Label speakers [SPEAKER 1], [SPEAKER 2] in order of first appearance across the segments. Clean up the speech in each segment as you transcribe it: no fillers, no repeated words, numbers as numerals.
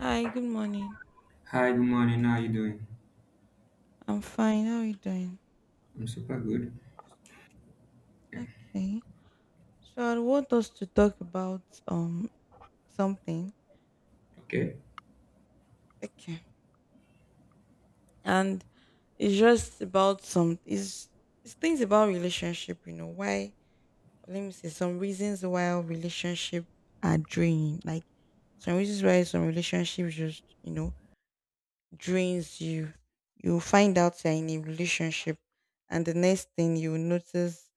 [SPEAKER 1] Hi, good morning.
[SPEAKER 2] Hi, good morning. How are you doing?
[SPEAKER 1] I'm fine. How are you doing?
[SPEAKER 2] I'm super good.
[SPEAKER 1] Okay. So I want us to talk about um something.
[SPEAKER 2] Okay.
[SPEAKER 1] Okay. And it's just about it's things about relationship, you know, why let me say some reasons why relationship are draining. Like some reasons why some relationships just, you know, drains you, you'll find out you're in a relationship, and the next thing you'll notice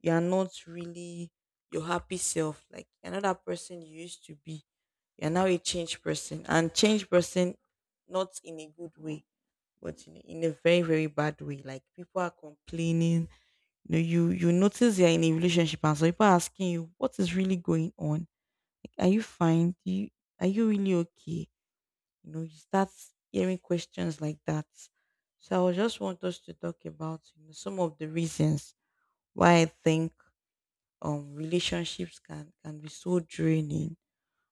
[SPEAKER 1] you are not really your happy self. Like another person you used to be, you're now a changed person, and changed person not in a good way, but in a very very bad way. Like people are complaining. You know, you notice you're in a relationship, and so people are asking you what is really going on. Like, are you fine? Are you really okay? You know, you start hearing questions like that. So I just want us to talk about you know, some of the reasons why I think relationships can be so draining.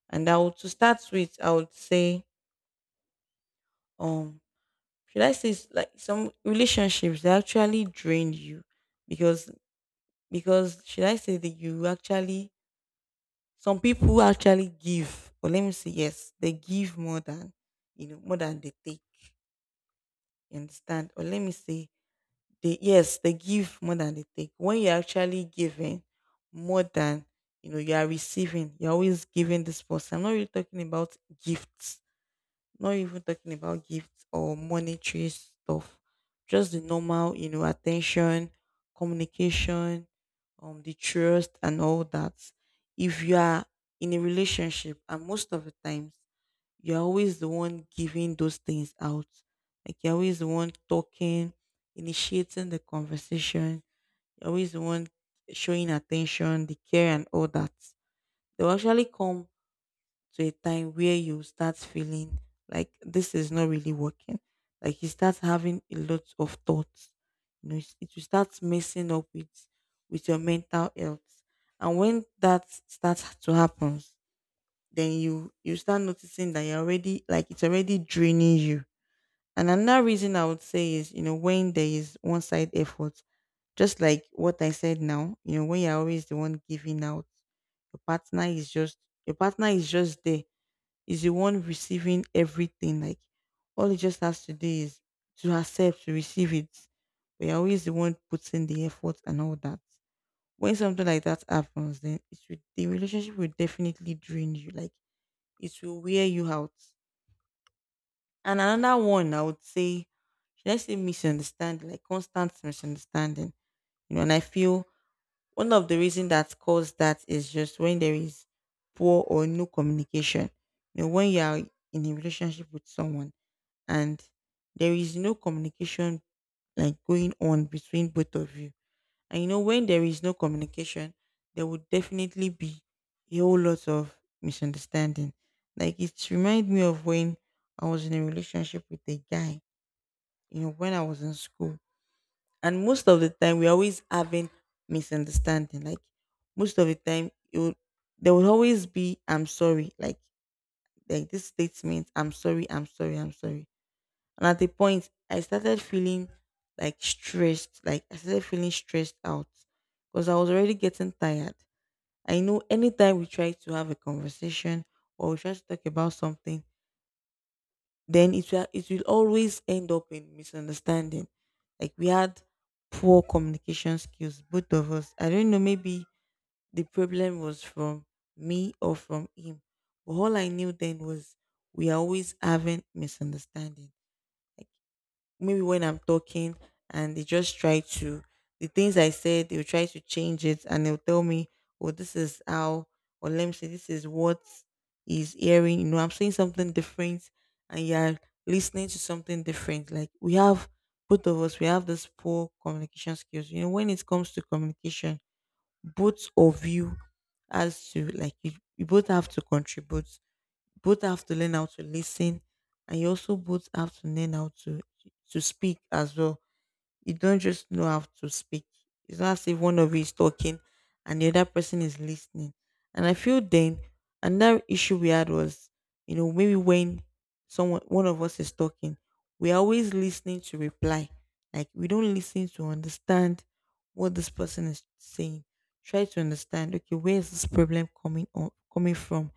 [SPEAKER 1] And I would to start with, I would say um should I say it's like some relationships they actually drain you because because should I say that you actually some people actually give or let me say yes they give more than you know more than they take you understand or let me say they yes, they give more than they take. When you're actually giving more than you know you are receiving, you're always giving this person. I'm not really talking about gifts, not even talking about gifts or monetary stuff. Just the normal, you know, attention, communication, the trust and all that. If you are in a relationship and most of the times you're always the one giving those things out. Like you're always the one talking, initiating the conversation. You're always the one showing attention, the care, and all that. There will actually come to a time where you start feeling like this is not really working. Like you start having a lot of thoughts. You know, it will start messing up with your mental health. And when that starts to happen, then you start noticing that you're already like it's already draining you. And another reason I would say is, you know, when there is one side effort, just like what I said now, you know, when you're always the one giving out, your partner is just your partner is just there, is the one receiving everything. Like all he just has to do is to accept, to receive it. But you're always the one putting the effort and all that. When something like that happens, the relationship will definitely drain you. Like it will wear you out. And another one, I would say, should I say misunderstanding, like constant misunderstanding. You know, and I feel one of the reasons that caused that is just when there is poor or no communication. You know, when you are in a relationship with someone and there is no communication like going on between both of you and you know, when there is no communication, there would definitely be a whole lot of misunderstanding. Like it reminds me of when I was in a relationship with a guy, you know, when I was in school. And most of the time we always having misunderstanding. Like most of the time it would there would always be I'm sorry. Like this statement, I'm sorry, I'm sorry, I'm sorry. And at the point, I started feeling like stressed. Like I started feeling stressed out because I was already getting tired. I know anytime we try to have a conversation or we try to talk about something, then it will always end up in misunderstanding. Like we had poor communication skills, both of us. I don't know, maybe the problem was from me or from him. But all I knew then was we are always having misunderstanding maybe when I'm talking and they just try to the things I said, they'll try to change it and they'll tell me, oh, this is how or let me say this is what is hearing, you know, I'm saying something different and you're listening to something different. Like we have both of us, we have this poor communication skills. You know, when it comes to communication, both of you as to like you both have to contribute both have to learn how to listen and you also both have to learn how to speak as well, you don't just know how to speak, it's not as if one of you is talking and the other person is listening. And I feel then another issue we had was, you know, maybe when someone one of us is talking, we're always listening to reply, like we don't listen to understand what this person is saying, try to understand okay where is this problem coming from,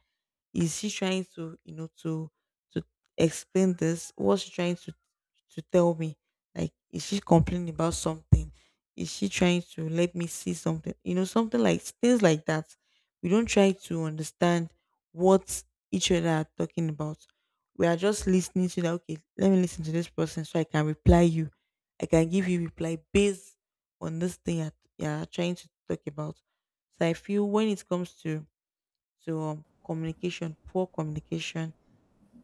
[SPEAKER 1] is she trying to, you know, to explain this? What's she trying to tell me? Like, is she complaining about something? Is she trying to let me see something? You know, something like things like that. We don't try to understand what each other are talking about. We are just listening to that. Okay, let me listen to this person so I can reply you. I can give you reply based on this thing you're trying to talk about. So I feel when it comes to communication, poor communication,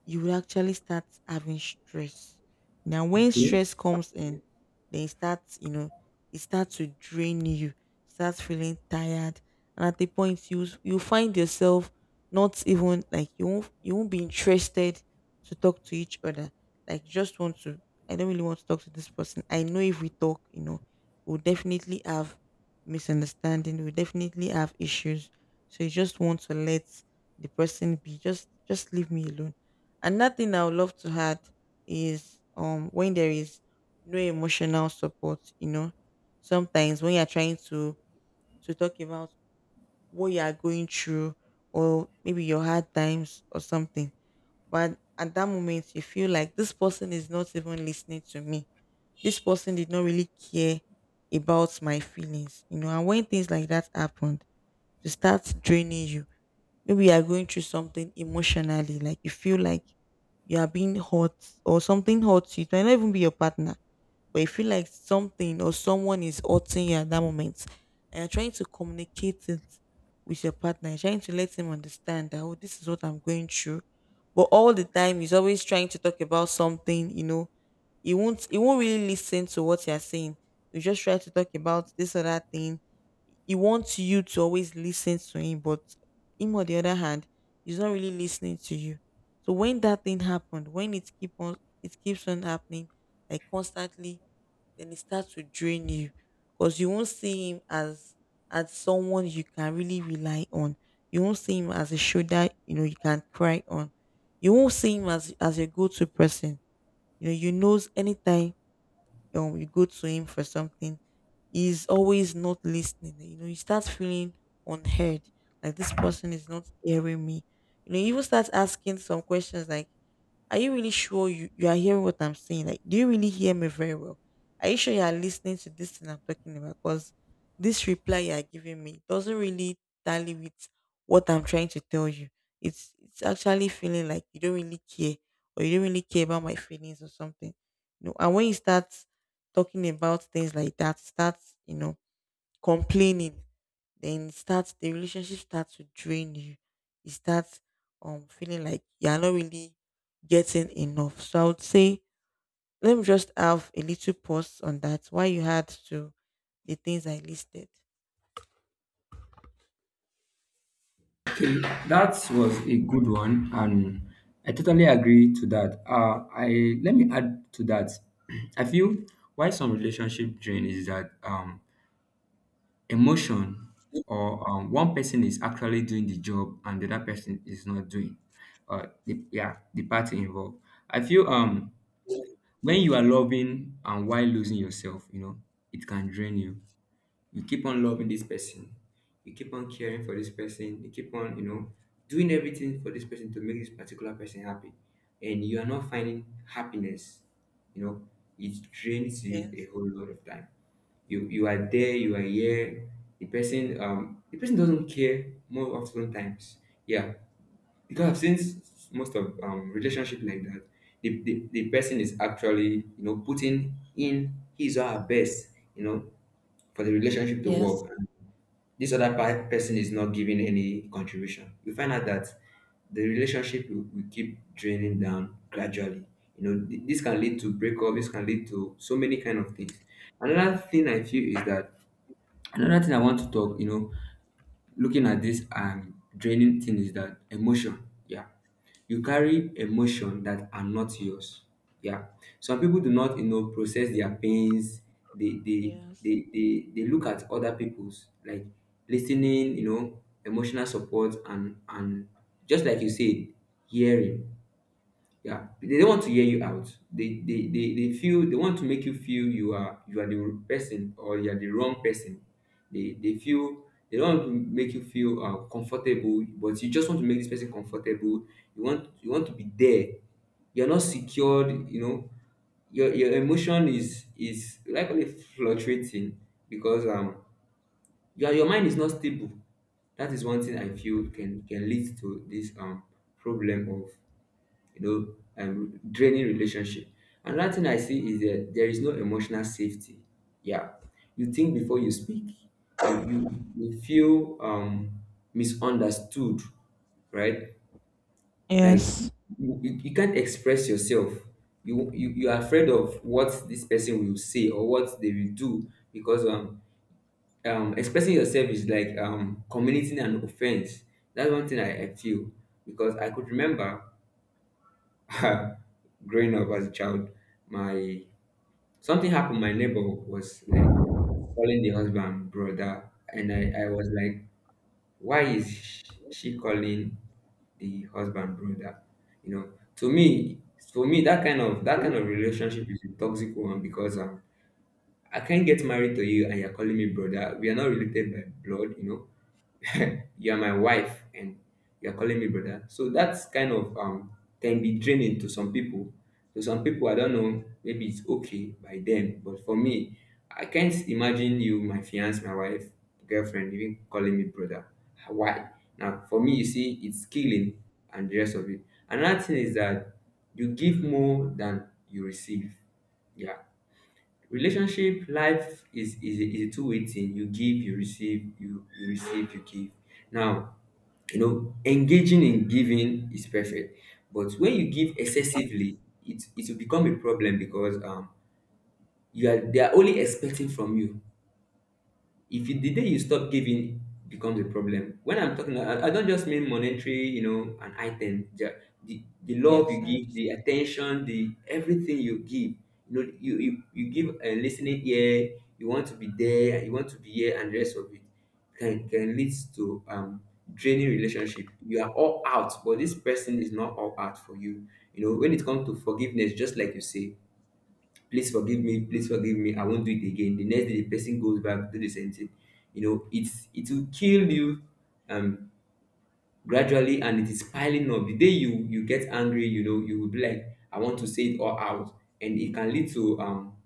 [SPEAKER 1] you would actually start having stress. Now, when
[SPEAKER 2] Okay.
[SPEAKER 1] stress comes in, then it starts, you know, it starts to drain you, starts feeling tired. And at the point you find yourself not even like you won't be interested to talk to each other. Like you just want to I don't really want to talk to this person. I know if we talk, you know, we'll definitely have misunderstanding, we'll definitely have issues. So you just want to let the person be, just leave me alone. Another thing I would love to add is when there is no emotional support, you know, sometimes when you're trying to talk about what you are going through or maybe your hard times or something, but at that moment you feel like this person is not even listening to me. This person did not really care about my feelings, you know. And when things like that happened, to start draining you. Maybe you are going through something emotionally, like you feel like you are being hurt or something hurts you. It might not even be your partner, but you feel like something or someone is hurting you at that moment. And you're trying to communicate it with your partner, you're trying to let him understand that, oh, this is what I'm going through. But all the time, he's always trying to talk about something, you know, he won't really listen to what you're saying. You just try to talk about this or that thing, he wants you to always listen to him, but him on the other hand, is not really listening to you. So when that thing happened, when it keep on it keeps on happening like constantly, then it starts to drain you. Because you won't see him as someone you can really rely on. You won't see him as a shoulder, you know, you can cry on. You won't see him as a go-to person. You know, you knows anytime or we go to him for something, he's always not listening. You know, you start feeling unheard, like this person is not hearing me. You know, you even start asking some questions like, are you really sure you are hearing what I'm saying? Like, do you really hear me very well? Are you sure you are listening to this thing I'm talking about? Because this reply you are giving me doesn't really tally with what I'm trying to tell you. It's actually feeling like you don't really care or you don't really care about my feelings or something. You know, and when you start talking about things like that, starts, you know, complaining, the relationship starts to drain you. You start feeling like you're not really getting enough. So I would say let me just have a little pause on that. Why you had to the things I listed.
[SPEAKER 2] That was a good one, and I totally agree to that. I let me add to that. I feel why some relationship drain is that emotion or one person is actually doing the job and the other person is not doing. Yeah, the party involved. I feel when you are loving and while losing yourself, you know, it can drain you. You keep on loving this person, you keep on caring for this person, you keep on, you know, doing everything for this person to make this particular person happy, and you are not finding happiness, you know, it drains you a
[SPEAKER 1] Yes.
[SPEAKER 2] whole lot of time. You are there, you are here, the person, the person doesn't care more often times, yeah, because I've seen most of relationship like that. The person is actually, you know, putting in his or her best, you know, for the relationship to
[SPEAKER 1] Yes.
[SPEAKER 2] work. This other person is not giving any contribution. You find out that the relationship will keep draining down gradually. You know, this can lead to breakup. This can lead to so many kind of things. Another thing I feel is that another thing I want to talk, you know, looking at this draining thing is that emotion. Yeah. You carry emotion that are not yours. Yeah. Some people do not, you know, process their pains. They they
[SPEAKER 1] Yes.
[SPEAKER 2] they look at other people's, like, listening, you know, emotional support and just like you said, hearing, yeah, they don't want to hear you out. They feel they want to make you feel you are the person or you are the wrong person. They feel they don't want to make you feel comfortable, but you just want to make this person comfortable. You want to be there. You're not secured. You know your emotion is likely fluctuating because your mind is not stable. That is one thing I feel can lead to this problem, you know, draining relationship. Another thing I see is that there is no emotional safety. Yeah, you think before you speak. You you you feel misunderstood, right? Like
[SPEAKER 1] Yes.
[SPEAKER 2] you can't express yourself. You are afraid of what this person will say or what they will do because expressing yourself is like committing an offense. That's one thing I feel because I could remember growing up as a child, my something happened. My neighbor was like calling the husband brother, and I was like, why is she calling the husband brother? You know, to me, for me, that kind of relationship is a toxic one because I can't get married to you and you're calling me brother. We are not related by blood, you know. You're my wife and you're calling me brother. So that's kind of can be draining to some people. To some people, I don't know, maybe it's okay by them, but for me, I can't imagine you, my fiance, my wife, girlfriend, even calling me brother. Why? Now, for me, you see, it's killing and the rest of it. Another thing is that you give more than you receive. Yeah, relationship life is a two-way thing. You give, you receive, you receive, you give. Now, you know, engaging in giving is perfect, but when you give excessively, it will become a problem, because you are, they are only expecting from you. If the day you stop giving, becomes a problem. When I'm talking, I don't just mean monetary, you know, an item. The the love
[SPEAKER 1] Yes,
[SPEAKER 2] you
[SPEAKER 1] I
[SPEAKER 2] give, the
[SPEAKER 1] understand.
[SPEAKER 2] attention, the everything you give, you know, you give a listening ear, you want to be there, you want to be here, and the rest of it, can lead to draining relationship. You are all out, but this person is not all out for you. You know, when it comes to forgiveness, just like you say, please forgive me, I won't do it again. The next day the person goes back, do the same thing. You know, it will kill you um gradually, and it is piling up. The day you get angry, you know, you will be like, I want to say it all out. And it can lead to um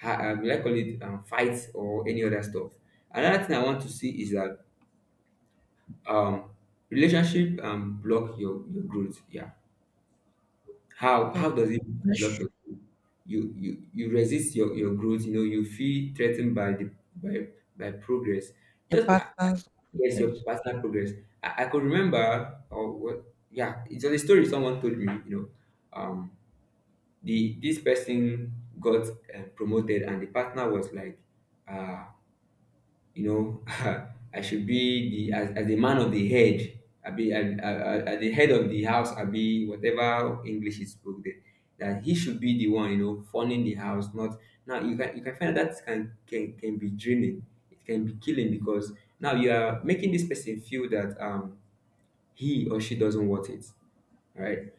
[SPEAKER 2] ha- um, like call it, fights or any other stuff. Another thing I want to see is that um relationship block your growth. Yeah. How
[SPEAKER 1] Like
[SPEAKER 2] does it block
[SPEAKER 1] that's
[SPEAKER 2] your growth? You resist your growth, you know, you feel threatened by the by progress.
[SPEAKER 1] your
[SPEAKER 2] Just
[SPEAKER 1] partner's
[SPEAKER 2] yes, your
[SPEAKER 1] progress.
[SPEAKER 2] personal progress. I could remember, or what? Yeah, it's a story someone told me. You know, um, the this person got promoted, and the partner was like, uh, you know, I should be the, as the man of the head, I be at the head of the house, I be whatever english is spoken there, that he should be the one, you know, funding the house, not now. You can find that can be draining. It can be killing because now you are making this person feel that he or she doesn't want it, right?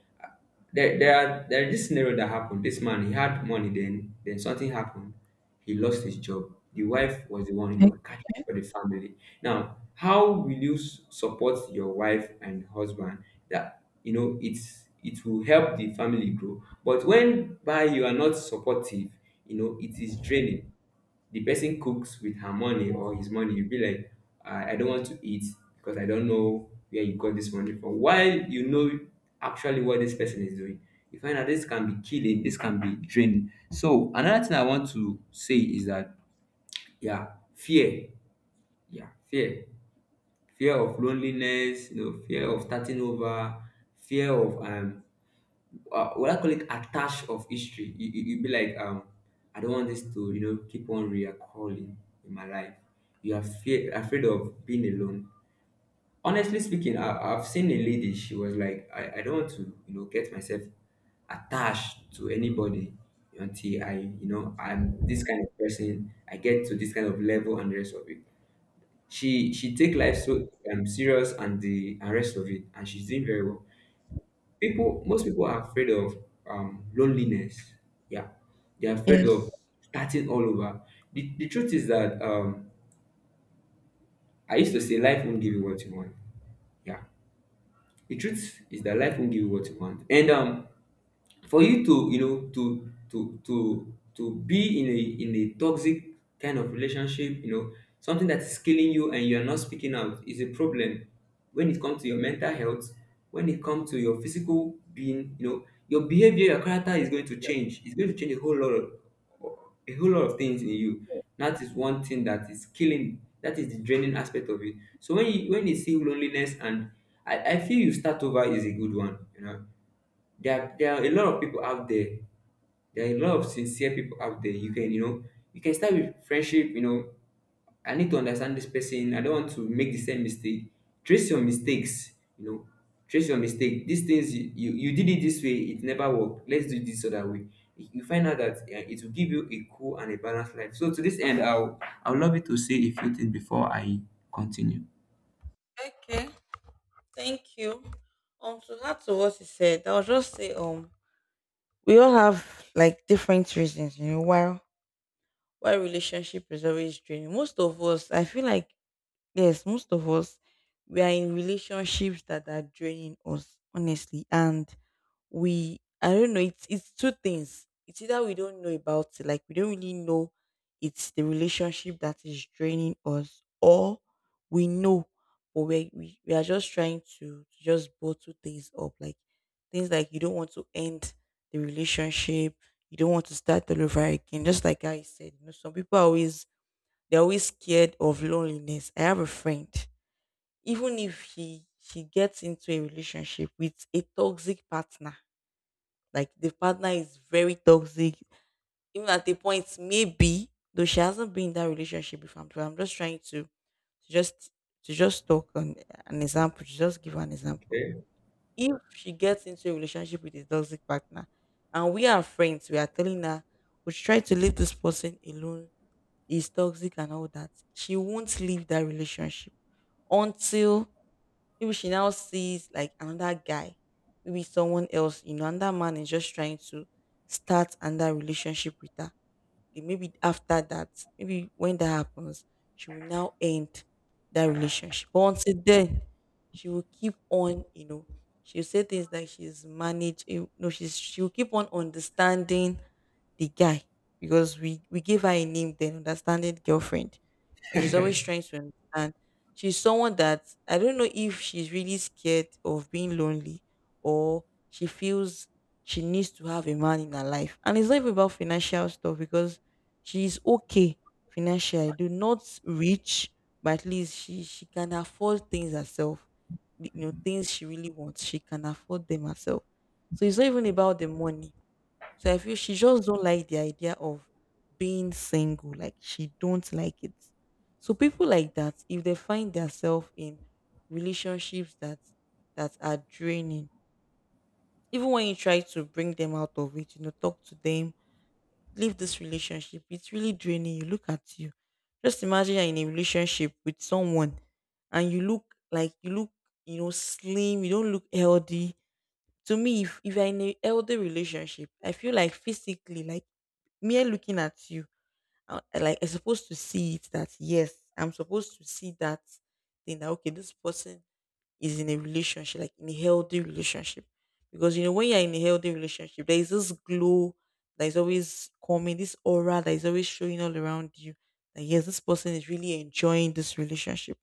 [SPEAKER 2] There is this scenario that happened. This man, he had money, then something happened. He lost his job. The wife was the one, you know, catching for the family. Now, how will you support your wife and husband, that you know it will help the family grow? But when, by you are not supportive, you know, it is draining. The person cooks with her money or his money, you'll be like, I don't want to eat because I don't know where you got this money from. While you know actually what this person is doing, you find out this can be killing, this can be draining. So another thing I want to say is that yeah, fear. Yeah, fear. Fear of loneliness, you know, fear of starting over, fear of what I call it attach of history. You would be like, I don't want this to, you know, keep on reoccurring in my life. You are fear, afraid of being alone. Honestly speaking, I've seen a lady. She was like, I don't want to, you know, get myself attached to anybody until I, you know, I'm this kind of person. I get to this kind of level and the rest of it. She take life so serious and the and rest of it, and she's doing very well. People, most people are afraid of loneliness, yeah, they're afraid of
[SPEAKER 1] Yes.
[SPEAKER 2] starting all over. The truth is that, I used to say life won't give you what you want. Yeah, the truth is that life won't give you what you want, and for you to, you know, to be in a toxic kind of relationship, you know, something that is killing you and you are not speaking out is a problem. When it comes to your mental health, when it comes to your physical being, you know, your behavior, your character is going to change. It's going to change a whole lot of, a whole lot of things in you. That is one thing that is killing. That is the draining aspect of it. So when you, when you see loneliness and, I feel you start over is a good one. You know, there are a lot of people out there. There are a lot of sincere people out there. You can, you know, you can start with friendship. You know, I need to understand this person. I don't want to make the same mistake. Trace your mistakes, you know. Trace your mistake. These things you, you did it this way, it never worked. Let's do it this other way. You find out that it will give you a cool and a balanced life. So to this end, I'll love you to say a few things before I continue.
[SPEAKER 1] Okay. Thank you. To add to what you said, I'll just say we all have like different reasons, you know, why relationship is always draining. Most of us, I feel like yes, most of us, we are in relationships that are draining us, honestly, and we I don't know, it's two things. It's either we don't know about it, like we don't really know it's the relationship that is draining us, or we know, but we are just trying to just bottle things up, like things like you don't want to end the relationship, you don't want to start all over again. Just like I said, you know, some people are always they're always scared of loneliness. I have a friend, even if he she gets into a relationship with a toxic partner, like the partner is very toxic. Even at the point, maybe though she hasn't been in that relationship before. But I'm just trying to just talk on an example, to just give an example.
[SPEAKER 2] Okay.
[SPEAKER 1] If she gets into a relationship with a toxic partner and we are friends, we are telling her we should try to leave this person alone, he's toxic and all that, she won't leave that relationship until maybe she now sees like another guy, maybe someone else, you know, and that man is just trying to start another relationship with her. Okay, maybe after that, maybe when that happens, she will now end that relationship. But until then, she will keep on, you know, she'll say things like she's managed, you know, she'll keep on understanding the guy, because we gave her a name then, understanding girlfriend, like she's always trying to understand. She's someone that I don't know if she's really scared of being lonely, or she feels she needs to have a man in her life. And it's not even about financial stuff, because she's okay financially. Do not rich, but at least she can afford things herself. You know, things she really wants. She can afford them herself. So it's not even about the money, so I feel she just don't like the idea of being single. Like she don't like it. So people like that, if they find themselves in relationships that that are draining, even when you try to bring them out of it, you know, talk to them, leave this relationship, it's really draining. You look at you. Just imagine you're in a relationship with someone and you look like you look, you know, slim, you don't look healthy to me. If you're in a healthy relationship, I feel like physically, like mere looking at you, like I'm supposed to see it that yes, I'm supposed to see that thing that okay, this person is in a relationship, like in a healthy relationship. Because you know, when you're in a healthy relationship, there is this glow that is always coming, this aura that is always showing all around you, that yes, this person is really enjoying this relationship.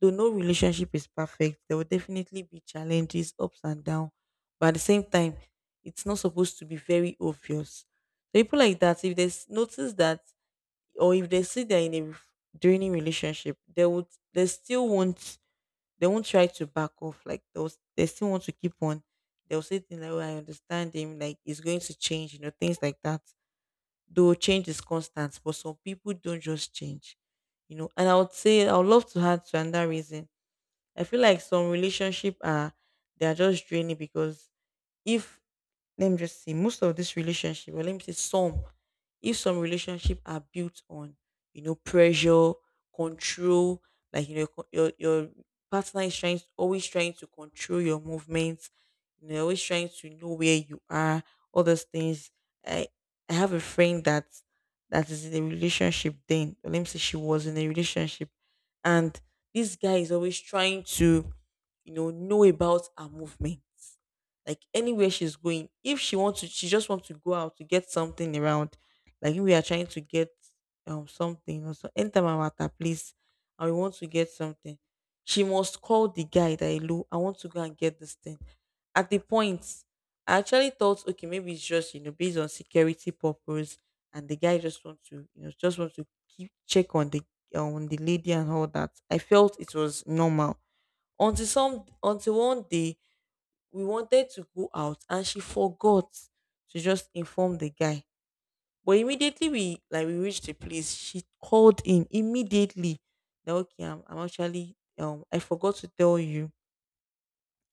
[SPEAKER 1] Though no relationship is perfect, there will definitely be challenges, ups and downs. But at the same time, it's not supposed to be very obvious. So people like that, if they notice that, or if they see they're in a draining relationship, they would, they still won't, they won't try to back off. Like they still want to keep on. They'll say things like, "Oh, I understand him. Like it's going to change," you know, things like that. Though change is constant, but some people don't just change, you know. And I would say I would love to add to another reason. I feel like some relationship are, they are just draining because, if, let me just say most of this relationship, or let me say some, if some relationship are built on, you know, pressure, control, like you know, your partner is trying always trying to control your movements, you know, always trying to know where you are, all those things. I I have a friend that is in a relationship then, or let me say she was in a relationship, and this guy is always trying to, you know about her movements, like anywhere she's going. If she wants to, she just wants to go out to get something around. Like if we are trying to get something or so. Anytime I'm at her place and we want to get something, she must call the guy that hello, I want to go and get this thing. At the point, I actually thought, okay, maybe it's just, you know, based on security purpose, and the guy just wants to, you know, just wants to keep check on the lady and all that. I felt it was normal until some until one day we wanted to go out and she forgot to just inform the guy. But immediately, we reached the place, she called him immediately that okay, I'm actually, I forgot to tell you,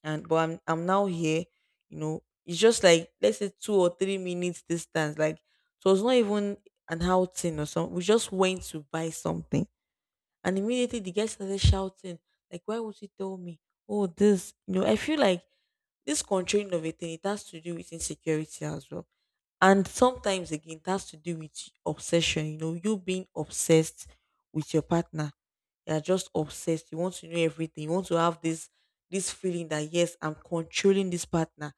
[SPEAKER 1] and but I'm now here, you know. It's just like let's say 2 or 3 minutes distance. Like so it's not even an outing or something. We just went to buy something. And immediately the guy started shouting, like, why would you tell me? Oh, this, you know, I feel like this controlling of a thing, it has to do with insecurity as well. And sometimes again, it has to do with obsession, you know, you being obsessed with your partner. You are just obsessed. You want to know everything. You want to have this, this feeling that yes, I'm controlling this partner.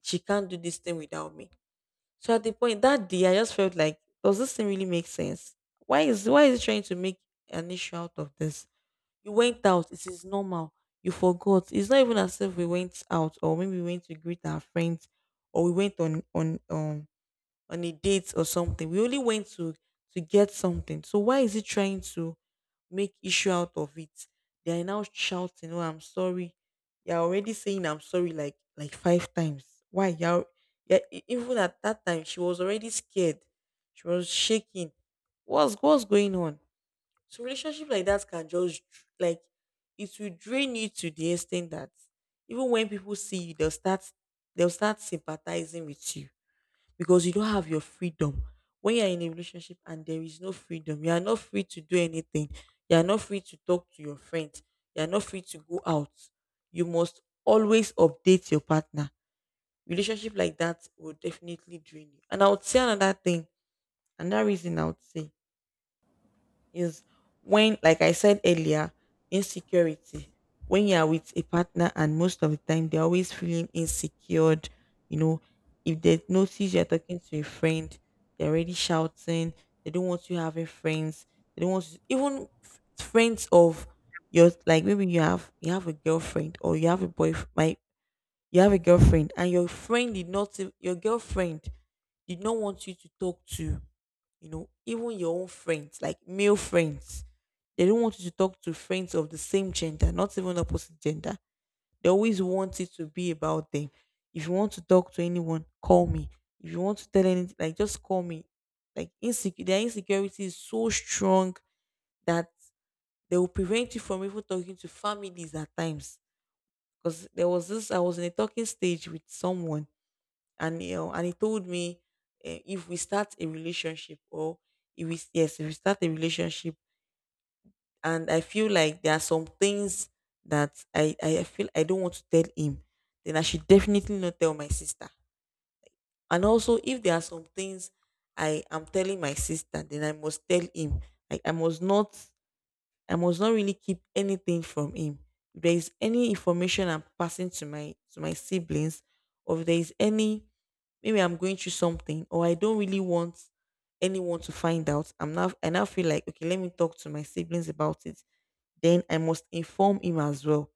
[SPEAKER 1] She can't do this thing without me. So at the point that day, I just felt like, does this thing really make sense? Why is it trying to make an issue out of this? You went out. It is normal. You forgot. It's not even as if we went out, or maybe we went to greet our friends, or we went on a date or something. We only went to get something. So why is he trying to make issue out of it? They are now shouting, "Oh, I'm sorry." You're already saying "I'm sorry" like five times. Why? You're, yeah, even at that time, she was already scared. She was shaking. What's going on? So relationship like that can just like it will drain you to the extent that even when people see you, they'll start sympathizing with you because you don't have your freedom. When you're in a relationship and there is no freedom, you are not free to do anything. You are not free to talk to your friends. You are not free to go out. You must always update your partner. Relationship like that will definitely drain you. And I would say another thing, another reason I would say is, when, like I said earlier, insecurity. When you are with a partner, and most of the time they're always feeling insecure. You know, if they notice you're talking to a friend, they're already shouting. They don't want you having friends. They don't want you, even friends of your, like maybe you have, you have a girlfriend, or you have a boyfriend. My, you have a girlfriend and your girlfriend did not want you to talk to, you know, even your own friends, like male friends. They don't want you to talk to friends of the same gender, not even opposite gender. They always want it to be about them. If you want to talk to anyone, call me. If you want to tell anything, like, just call me. Like insecure, their insecurity is so strong that they will prevent you from even talking to families at times. Because there was this, I was in a talking stage with someone, and you know, and he told me, eh, if we start a relationship, or if we, yes, if we start a relationship and I feel like there are some things that I feel I don't want to tell him, then I should definitely not tell my sister. And also, if there are some things I am telling my sister, then I must tell him, like I must not really keep anything from him. If there is any information I'm passing to my siblings, or if there is any, maybe I'm going through something, or I don't really want anyone to find out, I now feel like okay, let me talk to my siblings about it. Then I must inform him as well.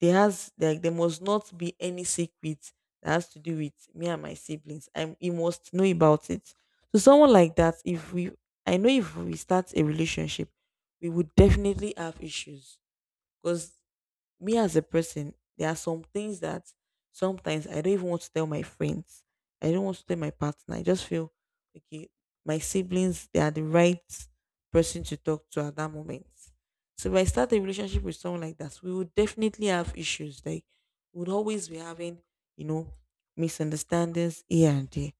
[SPEAKER 1] There has, like there must not be any secret that has to do with me and my siblings. I you must know about it. So someone like that, if we I know if we start a relationship, we would definitely have issues, because me as a person, there are some things that sometimes I don't even want to tell my friends. I don't want to tell my partner. I just feel okay, my siblings, they are the right person to talk to at that moment. So if I start a relationship with someone like that, we would definitely have issues. Like we would always be having, you know, misunderstandings here and there.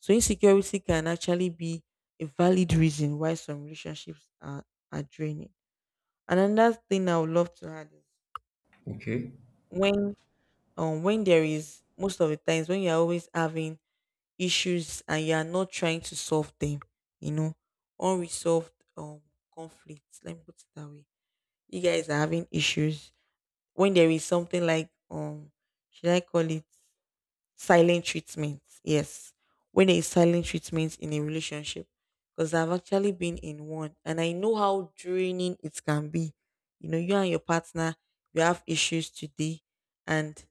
[SPEAKER 1] So insecurity can actually be a valid reason why some relationships are draining. And another thing I would love to add is
[SPEAKER 2] Okay.
[SPEAKER 1] when when there is, most of the times when you're always having issues and you're not trying to solve them you know unresolved um conflicts, let me put it that way. You guys are having issues when there is something like, should I call it, silent treatment, yes, when there is silent treatment in a relationship, because I've actually been in one and I know how draining it can be. You know, you and your partner, you have issues today, and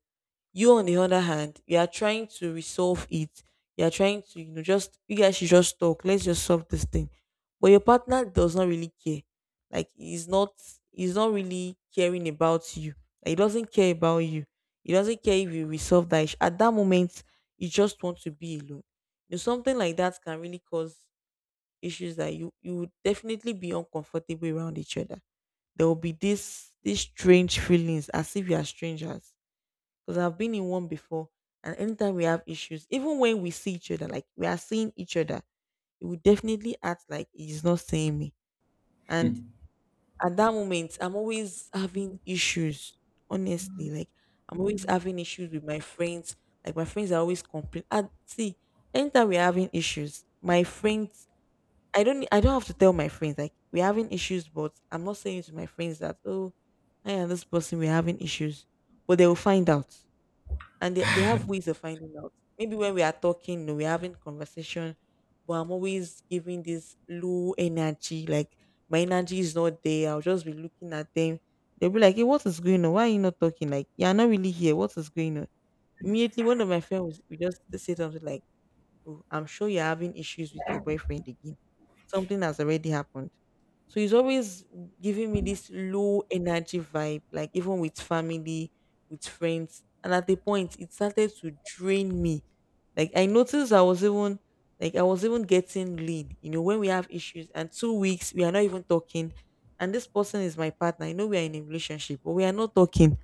[SPEAKER 1] you, on the other hand, you are trying to resolve it. You are trying to, you know, just, you guys should just talk. Let's just solve this thing. But your partner does not really care. Like, he's not really caring about you. Like, he doesn't care about you. He doesn't care if you resolve that issue. At that moment, you just want to be alone. You know, something like that can really cause issues, that you would definitely be uncomfortable around each other. There will be this these strange feelings, as if you are strangers, because I've been in one before. And anytime we have issues, even when we see each other, like we are seeing each other, it will definitely act like he's not seeing me. And at that moment, I'm always having issues. Honestly, like, I'm always having issues with my friends. Like, my friends are always complaining. And see, anytime we're having issues, my friends, I don't have to tell my friends like we're having issues, but I'm not saying to my friends that, oh, I and this person we're having issues, but they will find out, and they have ways of finding out. Maybe when we are talking, you know, we're having conversation, but I'm always giving this low energy, like my energy is not there. I'll just be looking at them. They'll be like, hey, what is going on? Why are you not talking? Like, you're not really here. What is going on? Immediately one of my friends we just say something like, oh, I'm sure you're having issues with your boyfriend again. Something has already happened. So he's always giving me this low energy vibe, like even with family, with friends. And at the point, it started to drain me. Like, I noticed I was even, like, I was even getting lean. You know, when we have issues and 2 weeks we are not even talking. And this person is my partner. I know we are in a relationship, but we are not talking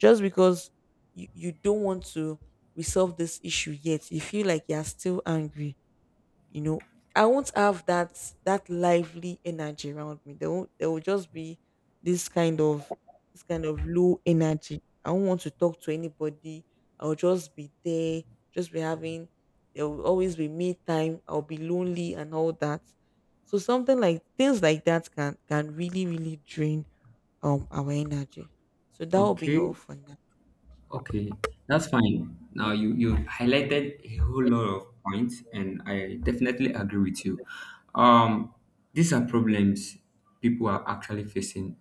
[SPEAKER 1] just because you don't want to resolve this issue, yet you feel like you're still angry, you know. I won't have that lively energy around me. There will just be this kind of this kind of low energy. I won't want to talk to anybody. I'll just be there, just be having, there will always be me time, I'll be lonely and all that. So something like, things like that can really really drain our energy. So that will be all
[SPEAKER 2] Okay.
[SPEAKER 1] for now.
[SPEAKER 2] Okay, that's fine. Now you highlighted a whole lot of points, and I definitely agree with you. Um, these are problems people are actually facing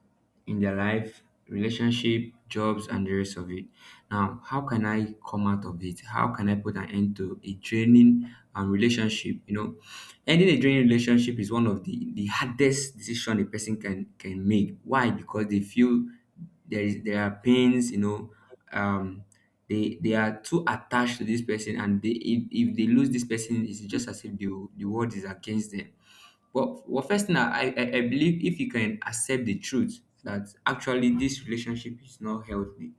[SPEAKER 2] in their life, relationship, jobs, and the rest of it. Now, how can I come out of it? How can I put an end to a draining, relationship? You know, ending a draining relationship is one of the hardest decision a person can make. Why? Because they feel there are pains, you know, um they are too attached to this person, and they, if they lose this person, it's just as if the world is against them. But well, first thing, I believe, if you can accept the truth that actually this relationship is not healthy,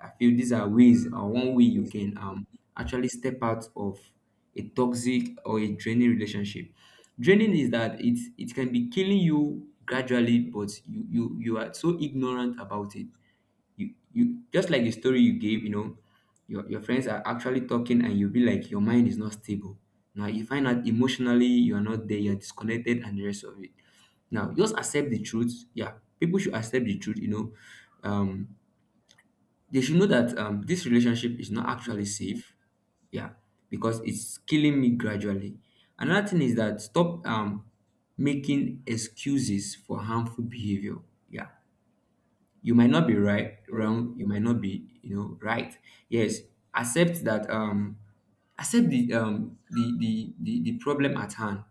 [SPEAKER 2] I feel these are ways, or one way you can actually step out of a toxic or a draining relationship. Draining is that it can be killing you gradually, but you are so ignorant about it. You just, like the story you gave, you know, your friends are actually talking and you'll be like your mind is not stable. Now you find out emotionally you are not there, you're disconnected and the rest of it. Now just accept the
[SPEAKER 1] Yeah.
[SPEAKER 2] truth. Yeah, people should accept the truth, you know. Um they should know that, this relationship is not actually safe. Yeah, because it's killing me gradually. Another thing is that stop, making excuses for harmful behavior. Yeah, you might not be right, wrong. You might not be, you know, right. Yes, accept that. Accept the the problem at hand.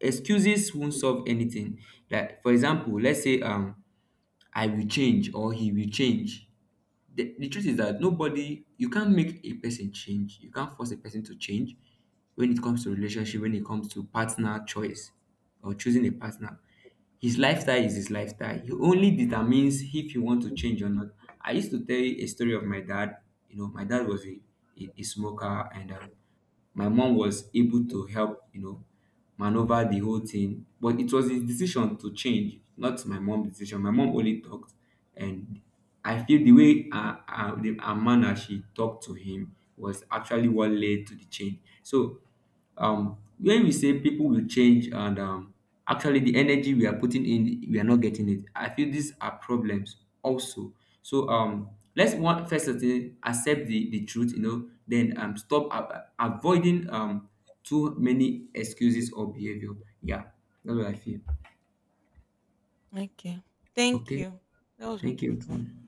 [SPEAKER 2] Excuses won't solve anything. Like, for example, let's say, I will change or he will change. The truth is that nobody, you can't make a person change, you can't force a person to change. When it comes to relationship, when it comes to partner choice or choosing a partner, his lifestyle is his lifestyle. He only determines if you want to change or not. I used to tell you a story of my dad. You know, my dad was a smoker, and my mom was able to help, you know, maneuver the whole thing, but it was his decision to change, not my mom's decision. My mom only talked, and I feel the way her manner she talked to him was actually what led to the change. So when we say people will change, and actually the energy we are putting in, we are not getting it, I feel these are problems also. So let's one, first of all, accept the truth, you know, then stop avoiding too many excuses or behavior. Yeah, that's what I feel.
[SPEAKER 1] Okay. Thank
[SPEAKER 2] Okay.
[SPEAKER 1] you. That was a
[SPEAKER 2] Thank
[SPEAKER 1] good one.
[SPEAKER 2] you.